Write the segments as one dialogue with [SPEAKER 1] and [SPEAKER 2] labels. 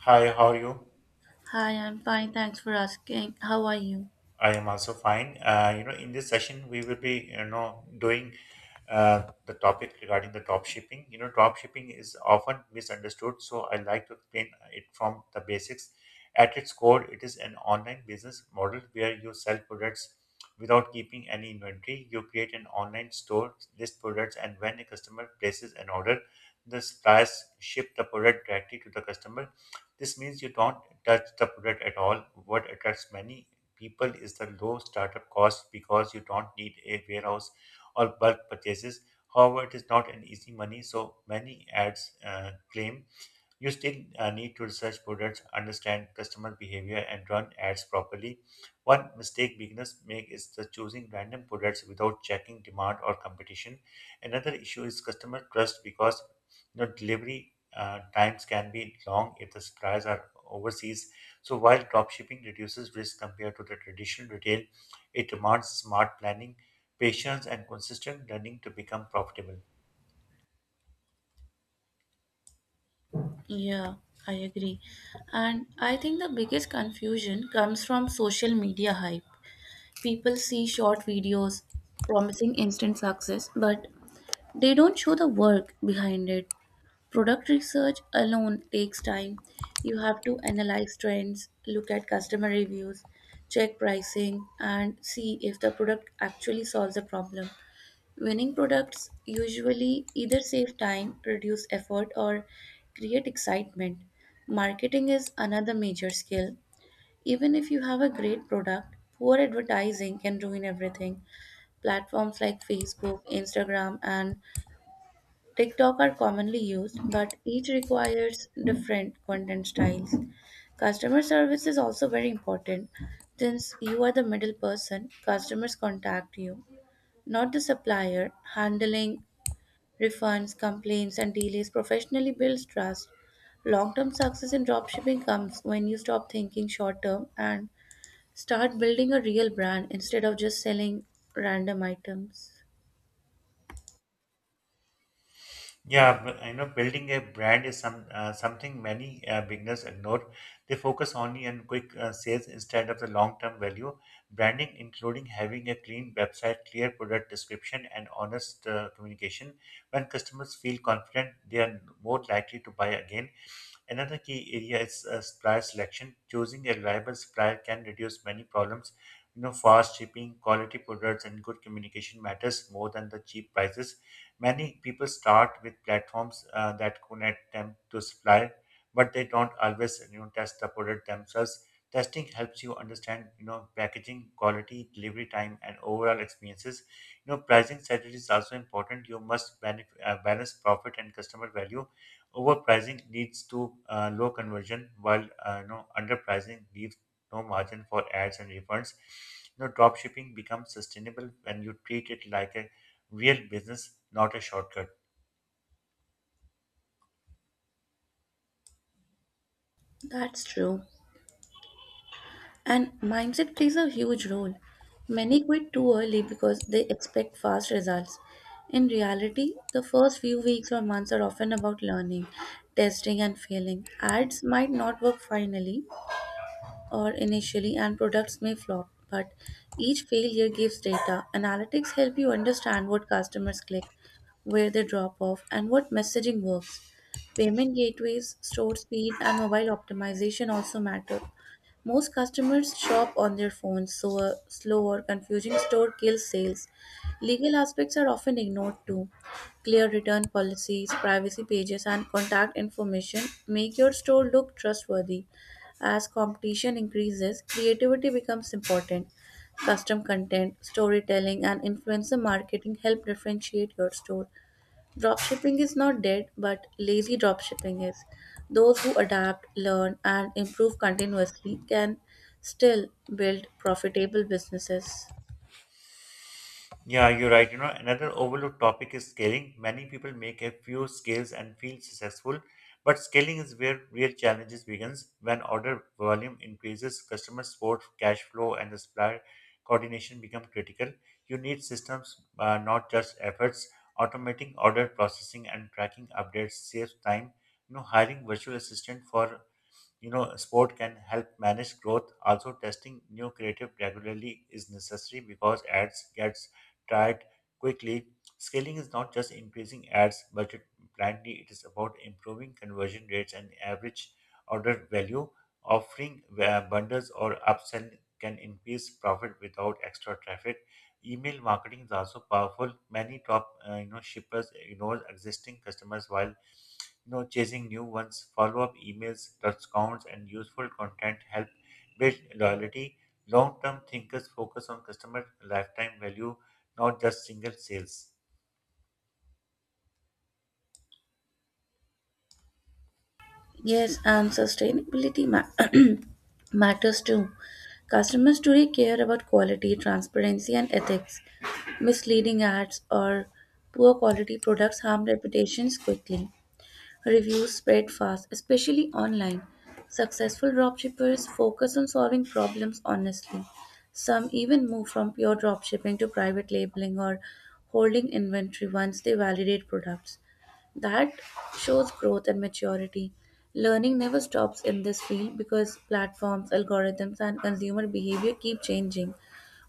[SPEAKER 1] Hi, how are you?
[SPEAKER 2] Hi, I'm fine. Thanks for asking. How are you?
[SPEAKER 1] I am also fine. In this session, we will be, doing the topic regarding the drop shipping. You know, drop shipping is often misunderstood, so I like to explain it from the basics. At its core, it is an online business model where you sell products without keeping any inventory. You create an online store, list products, and when a customer places an order, the suppliers ship the product directly to the customer. This means you don't touch the product at all. What attracts many people is the low startup cost because you don't need a warehouse or bulk purchases. However, it is not an easy money, so many ads claim you still need to research products, understand customer behavior, and run ads properly. One mistake beginners make is the choosing random products without checking demand or competition. Another issue is customer trust because you know, delivery times can be long if the suppliers are overseas. So while dropshipping reduces risk compared to the traditional retail, it demands smart planning, patience, and consistent learning to become profitable.
[SPEAKER 2] Yeah, I agree. And I think the biggest confusion comes from social media hype. People see short videos promising instant success, but they don't show the work behind it. Product research alone takes time. You have to analyze trends, look at customer reviews, check pricing, and see if the product actually solves a problem. Winning products usually either save time, reduce effort, or create excitement. Marketing is another major skill. Even if you have a great product, poor advertising can ruin everything. Platforms like Facebook, Instagram, and TikTok are commonly used, but each requires different content styles. Customer service is also very important. Since you are the middle person, customers contact you, not the supplier, handling refunds, complaints, and delays professionally builds trust. Long term success in dropshipping comes when you stop thinking short term and start building a real brand instead of just selling random items.
[SPEAKER 1] Yeah, but you know, building a brand is something many beginners ignore. They focus only on quick sales instead of the long-term value. Branding, including having a clean website, clear product description, and honest communication. When customers feel confident, they are more likely to buy again. Another key area is supplier selection. Choosing a reliable supplier can reduce many problems. You know, fast shipping, quality products, and good communication matters more than the cheap prices. Many people start with platforms that connect them to supplier, but they don't always you know test the product themselves. Testing helps you understand you know packaging, quality, delivery time, and overall experiences. You know, pricing strategy is also important. You must balance profit and customer value. Overpricing leads to low conversion, while underpricing leaves no margin for ads and refunds. You know, drop shipping becomes sustainable when you treat it like a real business, not a shortcut.
[SPEAKER 2] That's true. And mindset plays a huge role. Many quit too early because they expect fast results. In reality, the first few weeks or months are often about learning, testing, and failing. Ads might not work finally, or initially, and products may flop, but each failure gives data. Analytics help you understand what customers click, where they drop off, and what messaging works. Payment gateways, store speed, and mobile optimization also matter. Most customers shop on their phones, so a slow or confusing store kills sales. Legal aspects are often ignored too. Clear return policies, privacy pages, and contact information make your store look trustworthy. As competition increases, creativity becomes important. Custom content, storytelling, and influencer marketing help differentiate your store. Dropshipping is not dead, but lazy dropshipping is. Those who adapt, learn, and improve continuously can still build profitable businesses.
[SPEAKER 1] Yeah, you're right. You know, another overlooked topic is scaling. Many people make a few scales and feel successful, but scaling is where real challenges begins. When order volume increases, customer support, cash flow, and the supplier coordination become critical. You need systems, not just efforts. Automating order processing and tracking updates saves time. You know, hiring virtual assistant for you know, sport can help manage growth. Also, testing new creative regularly is necessary because ads gets tired quickly. Scaling is not just increasing ads budget blindly; it is about improving conversion rates and average order value. Offering bundles or upsell can increase profit without extra traffic. Email marketing is also powerful. Many top you know shippers ignore existing customers while you know, chasing new ones, follow-up emails, discounts, and useful content help build loyalty. Long-term thinkers focus on customer lifetime value, not just single sales.
[SPEAKER 2] Yes, and sustainability matters too. Customers today care about quality, transparency, and ethics. Misleading ads or poor quality products harm reputations quickly. Reviews spread fast, especially online. Successful dropshippers focus on solving problems honestly. Some even move from pure dropshipping to private labeling or holding inventory once they validate products. That shows growth and maturity. Learning never stops in this field because platforms, algorithms, and consumer behavior keep changing.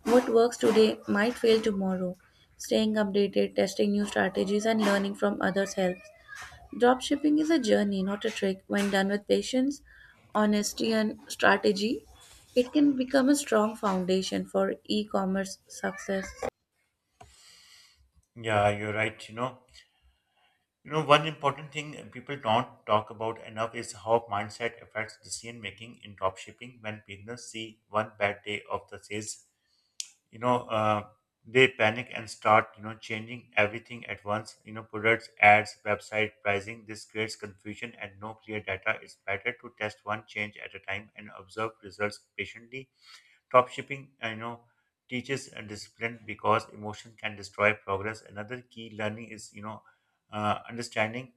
[SPEAKER 2] What works today might fail tomorrow. Staying updated, testing new strategies, and learning from others helps. Dropshipping is a journey, not a trick. When done with patience, honesty, and strategy, it can become a strong foundation for e commerce success.
[SPEAKER 1] Yeah, you're right. One important thing people don't talk about enough is how mindset affects decision making in dropshipping. When beginners see one bad day of the sales you know uh, they panic and start you know changing everything at once, you know, products, ads, website, pricing. This creates confusion and no clear data. It's better to test one change at a time and observe results patiently. Top shipping you know teaches a discipline because emotion can destroy progress. Another key learning is understanding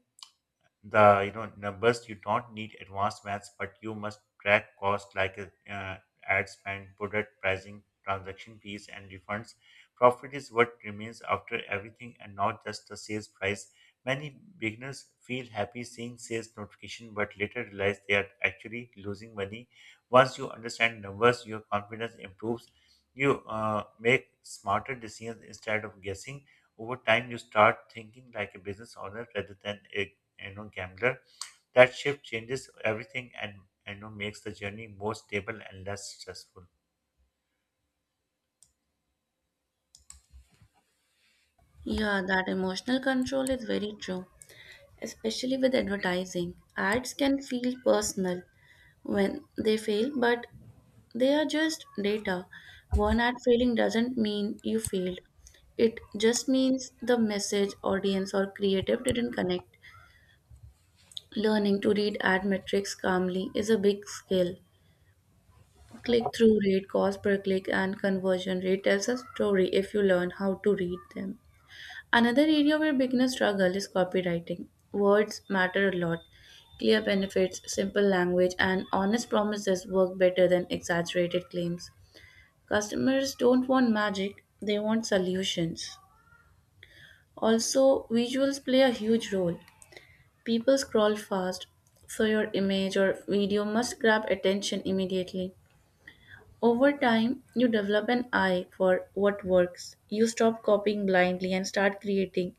[SPEAKER 1] the you know numbers. You don't need advanced maths, but you must track costs like uh, ad spend, product pricing, transaction fees, and refunds. Profit is what remains after everything, and not just the sales price. Many beginners feel happy seeing sales notification, but later realize they are actually losing money. Once you understand numbers, your confidence improves. You make smarter decisions instead of guessing. Over time you start thinking like a business owner rather than a gambler. That shift changes everything and you know makes the journey more stable and less stressful.
[SPEAKER 2] Yeah, that emotional control is very true, especially with advertising. Ads can feel personal when they fail, but they are just data. One ad failing doesn't mean you failed, it just means the message, audience, or creative didn't connect. Learning to read ad metrics calmly is a big skill. Click through rate, cost per click, and conversion rate tells a story if you learn how to read them. Another area where beginners struggle is copywriting. Words matter a lot. Clear benefits, simple language, and honest promises work better than exaggerated claims. Customers don't want magic, they want solutions. Also, visuals play a huge role. People scroll fast, so your image or video must grab attention immediately. Over time, you develop an eye for what works. You stop copying blindly and start creating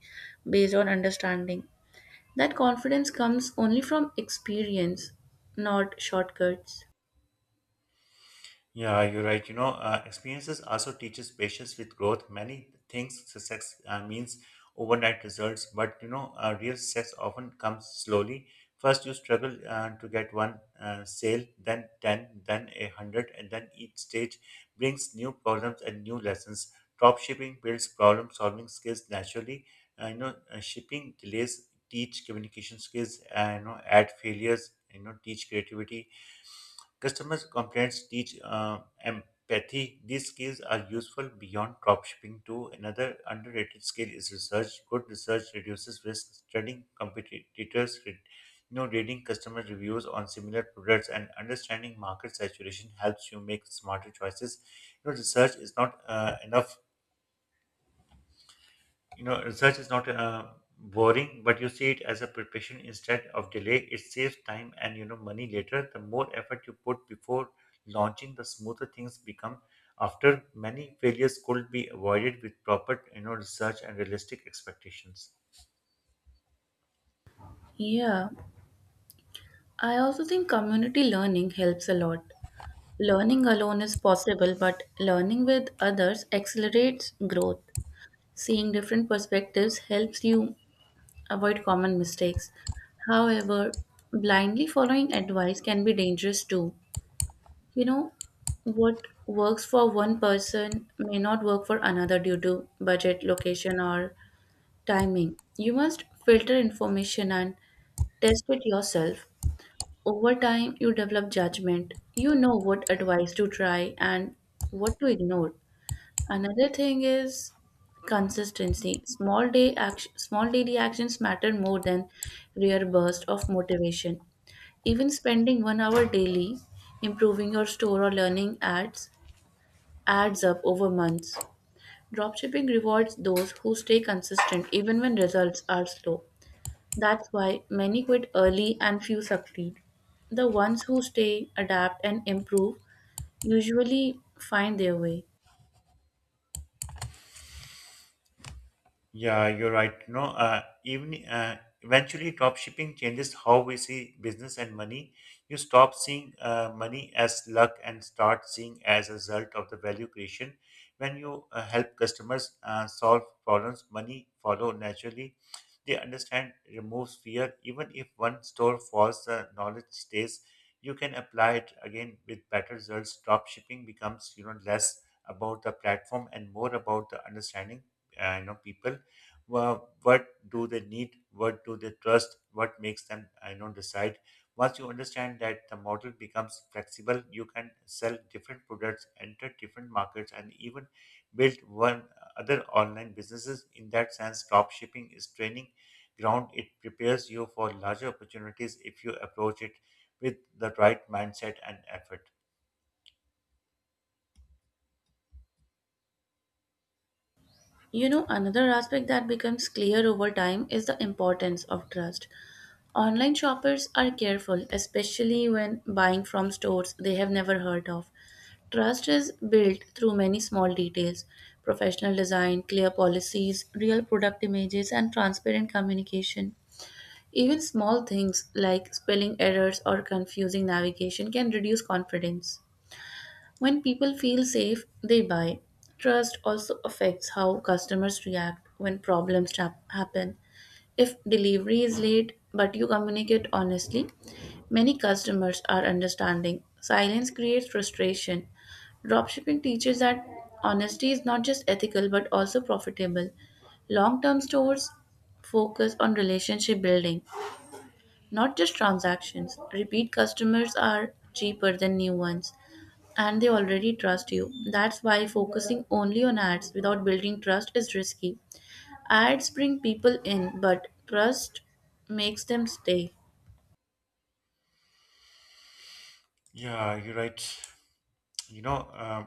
[SPEAKER 2] based on understanding. That confidence comes only from experience, not shortcuts.
[SPEAKER 1] Yeah, you're right. Experiences also teaches patience with growth. Many things success means overnight results, but real success often comes slowly. First, you struggle to get one sale, then ten, then a hundred, and then each stage brings new problems and new lessons. Drop shipping builds problem solving skills naturally. Shipping delays teach communication skills. Add failures. Teach creativity. Customers' complaints teach empathy. These skills are useful beyond dropshipping too. Another underrated skill is research. Good research reduces risk. Studying competitors, reading customer reviews on similar products, and understanding market saturation helps you make smarter choices. You know, research is not uh, enough you know, research is not boring, but you see it as a preparation instead of delay. It saves time and you know money later. The more effort you put before launching, the smoother things become. After many failures could be avoided with proper you know research and realistic expectations.
[SPEAKER 2] Yeah, I also think community learning helps a lot. Learning alone is possible, but learning with others accelerates growth. Seeing different perspectives helps you avoid common mistakes. However, blindly following advice can be dangerous too. You know what works for one person may not work for another due to budget, location, or timing. You must filter information and test it yourself. Over time, you develop judgment. You know what advice to try and what to ignore. Another thing is consistency. Small daily actions matter more than rare bursts of motivation. Even spending one hour daily improving your store or learning ads adds up over months. Dropshipping rewards those who stay consistent even when results are slow. That's why many quit early and few succeed. The ones who stay, adapt, and improve usually find their way.
[SPEAKER 1] Yeah, you're right. Eventually, drop shipping changes how we see business and money. You stop seeing money as luck and start seeing as a result of the value creation. When you help customers solve problems, money follow naturally. They understand, removes fear. Even if one store falls, the knowledge stays. You can apply it again with better results. Drop shipping becomes, you know, less about the platform and more about the understanding, you know, people. Well, what do they need, what do they trust, what makes them I know decide. Once you understand that, the model becomes flexible. You can sell different products, enter different markets, and even build one other online businesses. In that sense, drop shipping is training ground. It prepares you for larger opportunities if you approach it with the right mindset and effort.
[SPEAKER 2] You know, another aspect that becomes clear over time is the importance of trust. Online shoppers are careful, especially when buying from stores they have never heard of. Trust is built through many small details: professional design, clear policies, real product images, and transparent communication. Even small things like spelling errors or confusing navigation can reduce confidence. When people feel safe, they buy. Trust also affects how customers react when problems happen. If delivery is late but you communicate honestly, many customers are understanding. Silence creates frustration. Dropshipping teaches that honesty is not just ethical but also profitable. Long term stores focus on relationship building. Not just transactions, repeat customers are cheaper than new ones and they already trust you. That's why focusing only on ads without building trust is risky. Ads bring people in, but trust makes them stay.
[SPEAKER 1] Yeah, you're right. you know um,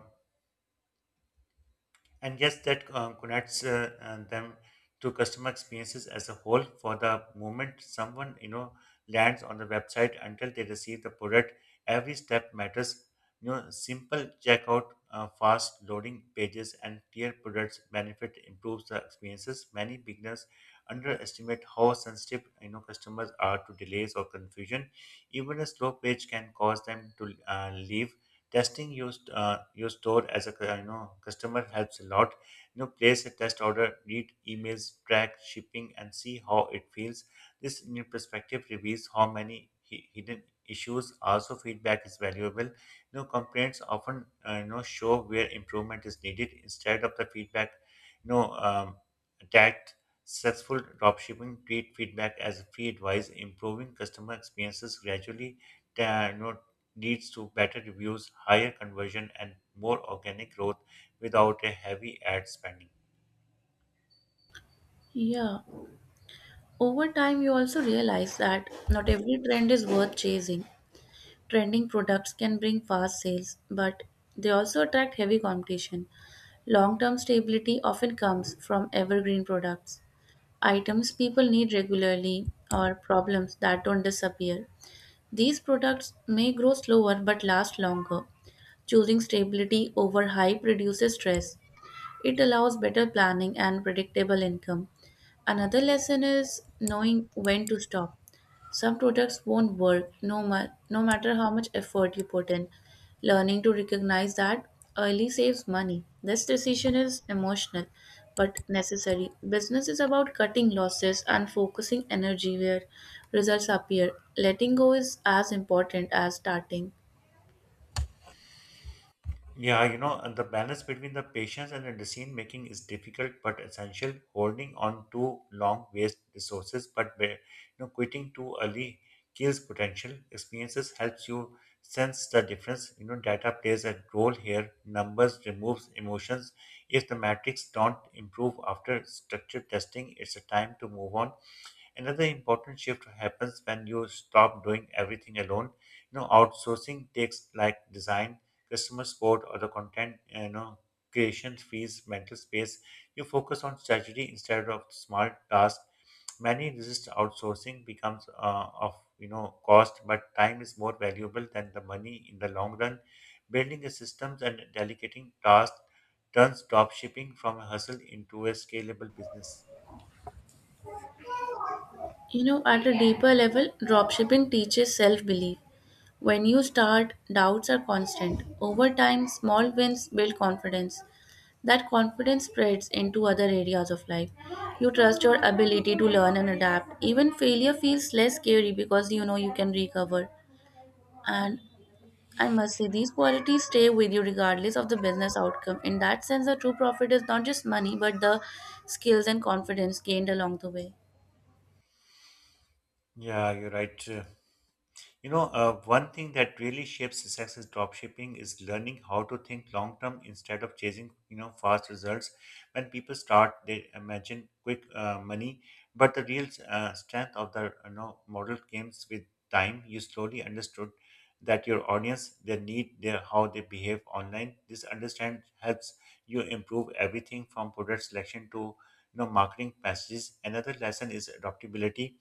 [SPEAKER 1] And yes, that connects them to customer experiences as a whole. For the moment someone you know lands on the website until they receive the product, every step matters. You know, simple checkout, fast loading pages, and clear products benefit improves the experiences. Many beginners underestimate how sensitive you know customers are to delays or confusion. Even a slow page can cause them to leave. Testing your store as a you know customer helps a lot. You know, place a test order, read emails, track shipping, and see how it feels. This new perspective reveals how many hidden issues. Also feedback is valuable. You know, complaints often you know show where improvement is needed instead of the feedback you know um, attacked. Successful dropshipping treat feedback as free advice, improving customer experiences gradually you know, leads to better reviews, higher conversion, and more organic growth without a heavy ad spending.
[SPEAKER 2] Yeah. Over time, you also realize that not every trend is worth chasing. Trending products can bring fast sales, but they also attract heavy competition. Long term stability often comes from evergreen products, items people need regularly or problems that don't disappear. These products may grow slower but last longer. Choosing stability over hype reduces stress. It allows better planning and predictable income. Another lesson is knowing when to stop. Some products won't work no matter how much effort you put in. Learning to recognize that early saves money. This decision is emotional but necessary. Business is about cutting losses and focusing energy where results appear. Letting go is as important as starting.
[SPEAKER 1] Yeah, you know, and the balance between the patience and the decision making is difficult but essential. Holding on to long waste resources, but you know, quitting too early kills potential. Experiences helps you sense the difference. You know, data plays a role here. Numbers removes emotions. If the metrics don't improve after structured testing, it's a time to move on. Another important shift happens when you stop doing everything alone. You know, outsourcing takes like design, customer support, or the content, you know, creation fees, mental space. You focus on strategy instead of small tasks. Many resist outsourcing becomes of you know cost, but time is more valuable than the money in the long run. Building the systems and delegating tasks turns drop shipping from a hustle into a scalable business.
[SPEAKER 2] You know, at a deeper level, dropshipping teaches self belief. When you start, doubts are constant. Over time, small wins build confidence. That confidence spreads into other areas of life. You trust your ability to learn and adapt. Even failure feels less scary because you know you can recover. And I must say, these qualities stay with you regardless of the business outcome. In that sense, the true profit is not just money, but the skills and confidence gained along the way.
[SPEAKER 1] Yeah, you're right. One thing that really shapes success in dropshipping is learning how to think long term instead of chasing, you know, fast results. When people start, they imagine quick money, but the real strength of the you know model comes with time. You slowly understood that your audience, their need, their how they behave online. This understand helps you improve everything from product selection to you know marketing messages. Another lesson is adaptability.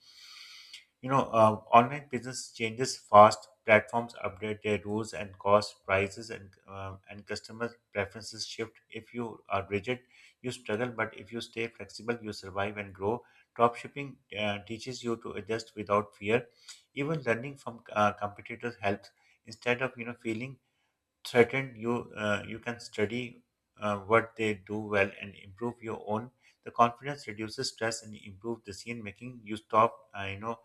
[SPEAKER 1] Online business changes fast. Platforms update their rules and cost, prices, and customer preferences shift. If you are rigid, you struggle, but if you stay flexible, you survive and grow. Dropshipping teaches you to adjust without fear. Even learning from competitors helps. Instead of you know feeling threatened, you can study what they do well and improve your own. The confidence reduces stress and improves decision making. You stop, you know,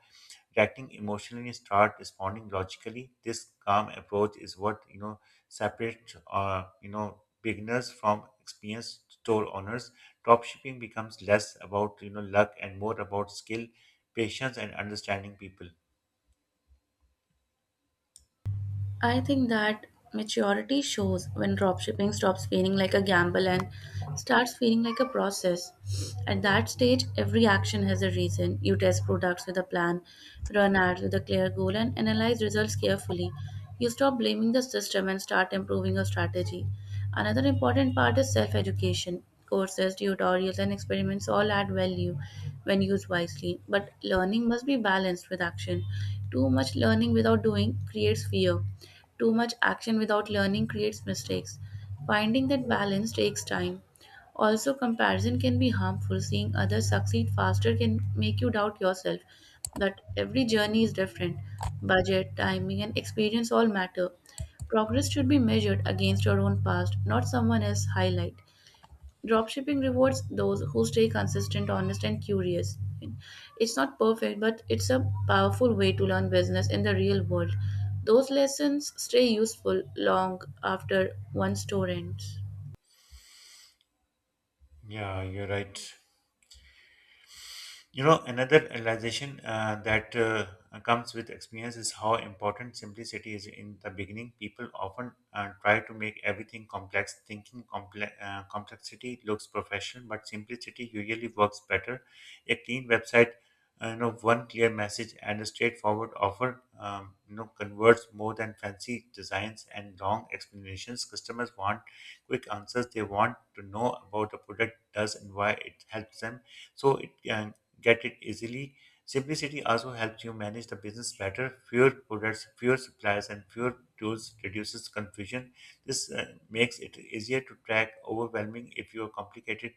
[SPEAKER 1] reacting emotionally start responding logically. This calm approach is what you know separates you know beginners from experienced store owners. Dropshipping becomes less about luck and more about skill, patience, and understanding people.
[SPEAKER 2] I think that maturity shows when dropshipping stops feeling like a gamble and starts feeling like a process. At that stage, every action has a reason. You test products with a plan, run ads with a clear goal, and analyze results carefully. You stop blaming the system and start improving your strategy. Another important part is self education. Courses, tutorials, and experiments all add value when used wisely, but learning must be balanced with action. Too much learning without doing creates fear, too much action without learning creates mistakes. Finding that balance takes time. Also, comparison can be harmful. Seeing others succeed faster can make you doubt yourself. But every journey is different. Budget, timing, and experience all matter. Progress should be measured against your own past, not someone else's highlight. Dropshipping rewards those who stay consistent, honest, and curious. It's not perfect, but it's a powerful way to learn business in the real world. Those lessons stay useful long after one store ends.
[SPEAKER 1] Yeah, you're right. You know, another realization that comes with experience is how important simplicity is in the beginning. People often try to make everything complex, thinking complexity looks professional, but simplicity usually works better. A clean website, one clear message and a straightforward offer, converts more than fancy designs and long explanations. Customers want quick answers. They want to know about the product does and why it helps them so it get it easily. Simplicity also helps you manage the business better. Fewer products, fewer suppliers, and fewer tools reduces confusion. This makes it easier to track, overwhelming if you are complicated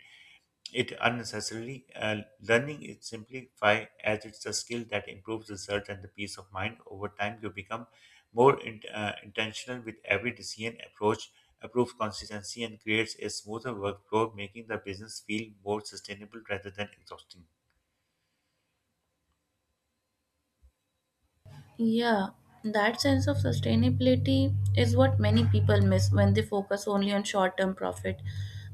[SPEAKER 1] it unnecessarily. Learning is simplify as it's a skill that improves research and the peace of mind. Over time, you become more intentional with every decision approach, improves consistency, and creates a smoother workflow, making the business feel more sustainable rather than exhausting.
[SPEAKER 2] Yeah, that sense of sustainability is what many people miss when they focus only on short term profit.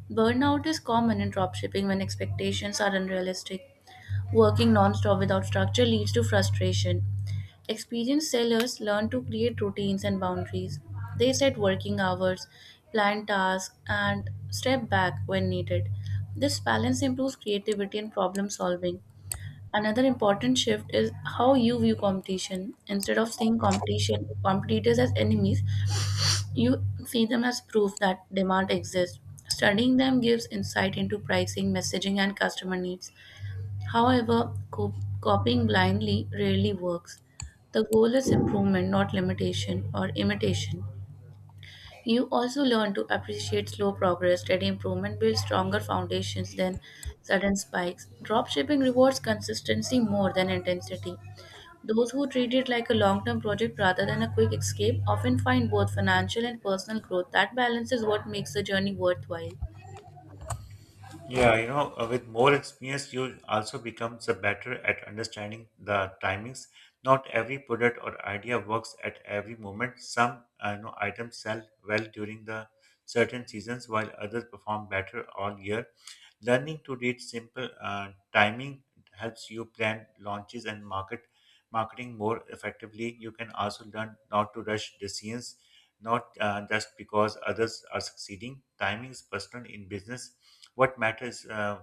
[SPEAKER 2] Burnout is common in dropshipping when expectations are unrealistic. Working nonstop without structure leads to frustration. Experienced sellers learn to create routines and boundaries. They set working hours, plan tasks, and step back when needed. This balance improves creativity and problem solving. Another important shift is how you view competition. Instead of seeing competition competitors as enemies, you see them as proof that demand exists. Studying them gives insight into pricing, messaging, and customer needs. However, copying blindly rarely works. The goal is improvement, not limitation or imitation. You also learn to appreciate slow progress, steady improvement builds stronger foundations than sudden spikes. Dropshipping rewards consistency more than intensity. Those who treat it like a long term project rather than a quick escape often find both financial and personal growth. That balance is what makes the journey worthwhile.
[SPEAKER 1] Yeah, you know, with more experience, you also becomes a better at understanding the timings. Not every product or idea works at every moment. Some items sell well during the certain seasons, while others perform better all year. Learning to read simple timing helps you plan launches and marketing more effectively. You can also learn not to rush decisions, not just because others are succeeding. Timing is personal in business. What matters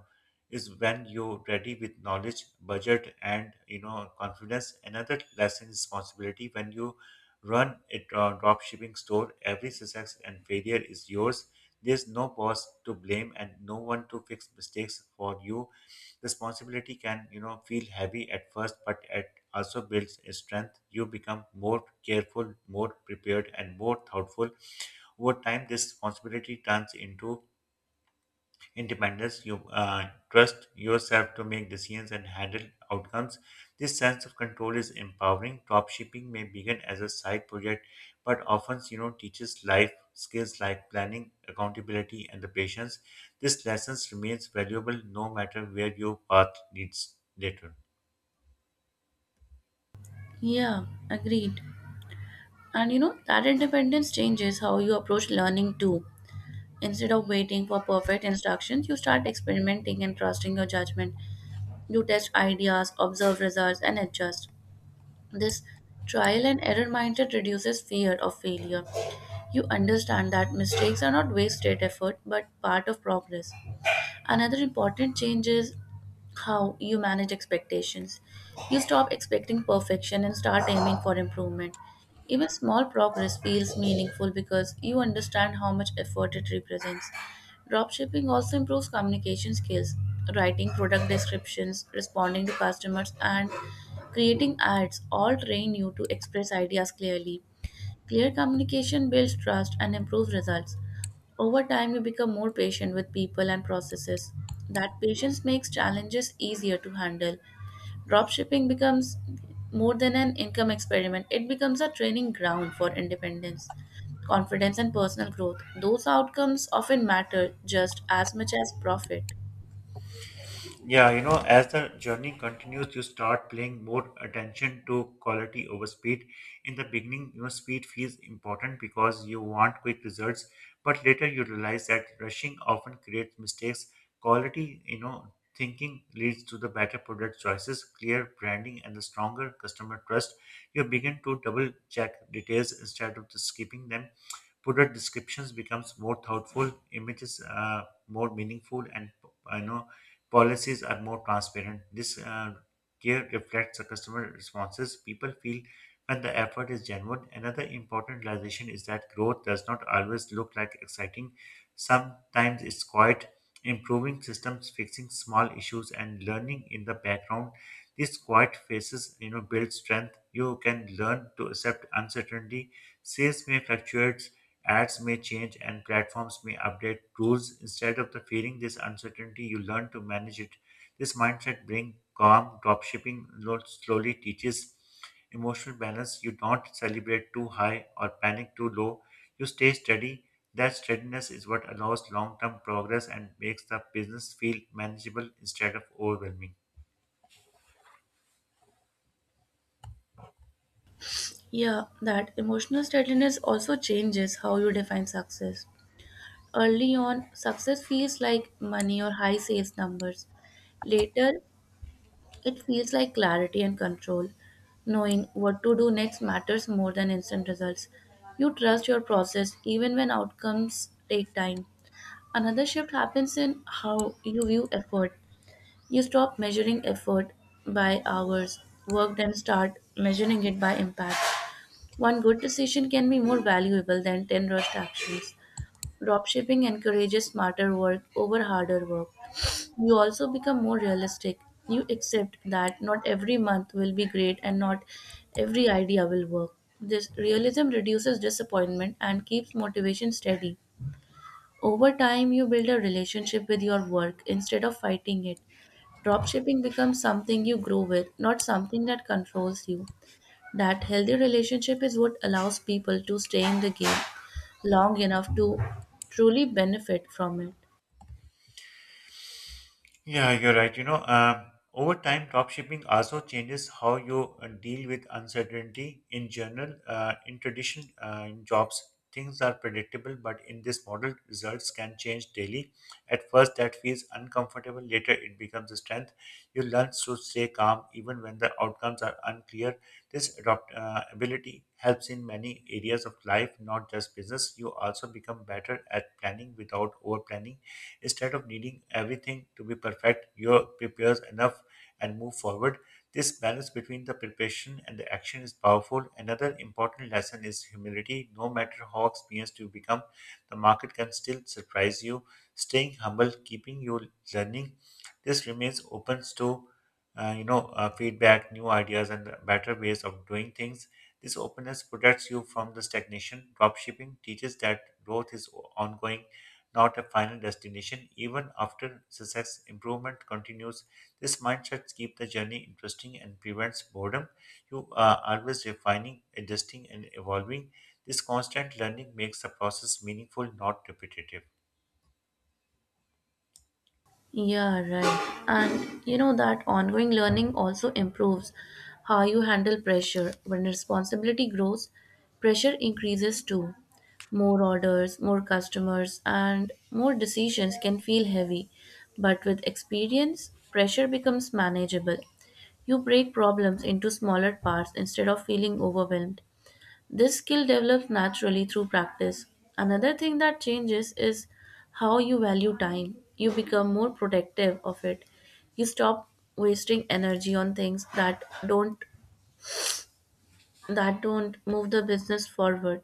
[SPEAKER 1] is when you're ready with knowledge, budget, and confidence. Another lesson is responsibility. When you run a drop shipping store, every success and failure is yours. There's no boss to blame and no one to fix mistakes for you. Responsibility can, feel heavy at first, but it also builds a strength. You become more careful, more prepared, and more thoughtful. Over time, this responsibility turns into independence. You trust yourself to make decisions and handle outcomes. This sense of control is empowering. Dropshipping may begin as a side project, but often teaches life skills like planning, accountability, and the patience. This lessons remains valuable no matter where your path leads later.
[SPEAKER 2] Yeah, agreed. And you know, that independence changes how you approach learning too. Instead of waiting for perfect instructions, you start experimenting and trusting your judgment. You test ideas, observe results, and adjust. This trial and error mindset reduces fear of failure. You understand that mistakes are not wasted effort but part of progress. Another important change is how you manage expectations. You stop expecting perfection and start aiming for improvement. Even small progress feels meaningful because you understand how much effort it represents. Dropshipping also improves communication skills, writing product descriptions, responding to customers, and creating ads all train you to express ideas clearly. Clear communication builds trust and improves results. Over time, you become more patient with people and processes. That patience makes challenges easier to handle. Dropshipping becomes more than an income experiment, it becomes a training ground for independence, confidence, and personal growth. Those outcomes often matter just as much as profit.
[SPEAKER 1] Yeah, you know, as the journey continues, you start paying more attention to quality over speed. In the beginning, speed feels important because you want quick results, but later you realize that rushing often creates mistakes. Quality, thinking leads to the better product choices, clear branding, and the stronger customer trust. You begin to double check details instead of just skipping them. Product descriptions becomes more thoughtful, images more meaningful, and I know policies are more transparent. This gear reflects the customer responses people feel when the effort is genuine. Another important realization is that growth does not always look like exciting. Sometimes it's quiet, improving systems, fixing small issues, and learning in the background. These quiet phases, build strength. You can learn to accept uncertainty. Sales may fluctuate, ads may change, and platforms may update rules. Instead of the feeling this uncertainty, you learn to manage it. This mindset brings calm. Dropshipping slowly teaches emotional balance. You don't celebrate too high or panic too low. You stay steady. That steadiness is what allows long term progress and makes the business feel manageable instead of overwhelming.
[SPEAKER 2] Yeah, that emotional steadiness also changes how you define success. Early on, success feels like money or high sales numbers. Later, it feels like clarity and control. Knowing what to do next matters more than instant results. You trust your process even when outcomes take time. Another shift happens in how you view effort. You stop measuring effort by hours worked and start measuring it by impact. One good decision can be more valuable than 10 rushed actions. Dropshipping encourages smarter work over harder work. You also become more realistic. You accept that not every month will be great and not every idea will work. This realism reduces disappointment and keeps motivation steady. Over time, you build a relationship with your work instead of fighting it. Dropshipping becomes something you grow with, not something that controls you. That healthy relationship is what allows people to stay in the game long enough to truly benefit from it.
[SPEAKER 1] Yeah, you're right. You know, over time, dropshipping also changes how you deal with uncertainty. In general, in jobs, things are predictable, but in this model, results can change daily. At first, that feels uncomfortable. Later, it becomes a strength. You learn to stay calm even when the outcomes are unclear. This ability helps in many areas of life, not just business. You also become better at planning without over planning. Instead of needing everything to be perfect, you prepare enough and move forward. This balance between the preparation and the action is powerful. Another important lesson is humility. No matter how experienced you become, the market can still surprise you. Staying humble, keeping you learning, this remains open to feedback, new ideas, and better ways of doing things. This openness protects you from the stagnation. Dropshipping teaches that growth is ongoing, not a final destination. Even after success, improvement continues. This mindset keeps the journey interesting and prevents boredom. You are always refining, adjusting, and evolving. This constant learning makes the process meaningful, not repetitive.
[SPEAKER 2] Yeah, right. And you know that ongoing learning also improves how you handle pressure. When responsibility grows, pressure increases too. More orders, more customers, and more decisions can feel heavy. But with experience, pressure becomes manageable. You break problems into smaller parts instead of feeling overwhelmed. This skill develops naturally through practice. Another thing that changes is how you value time. You become more protective of it. You stop wasting energy on things that don't move the business forward.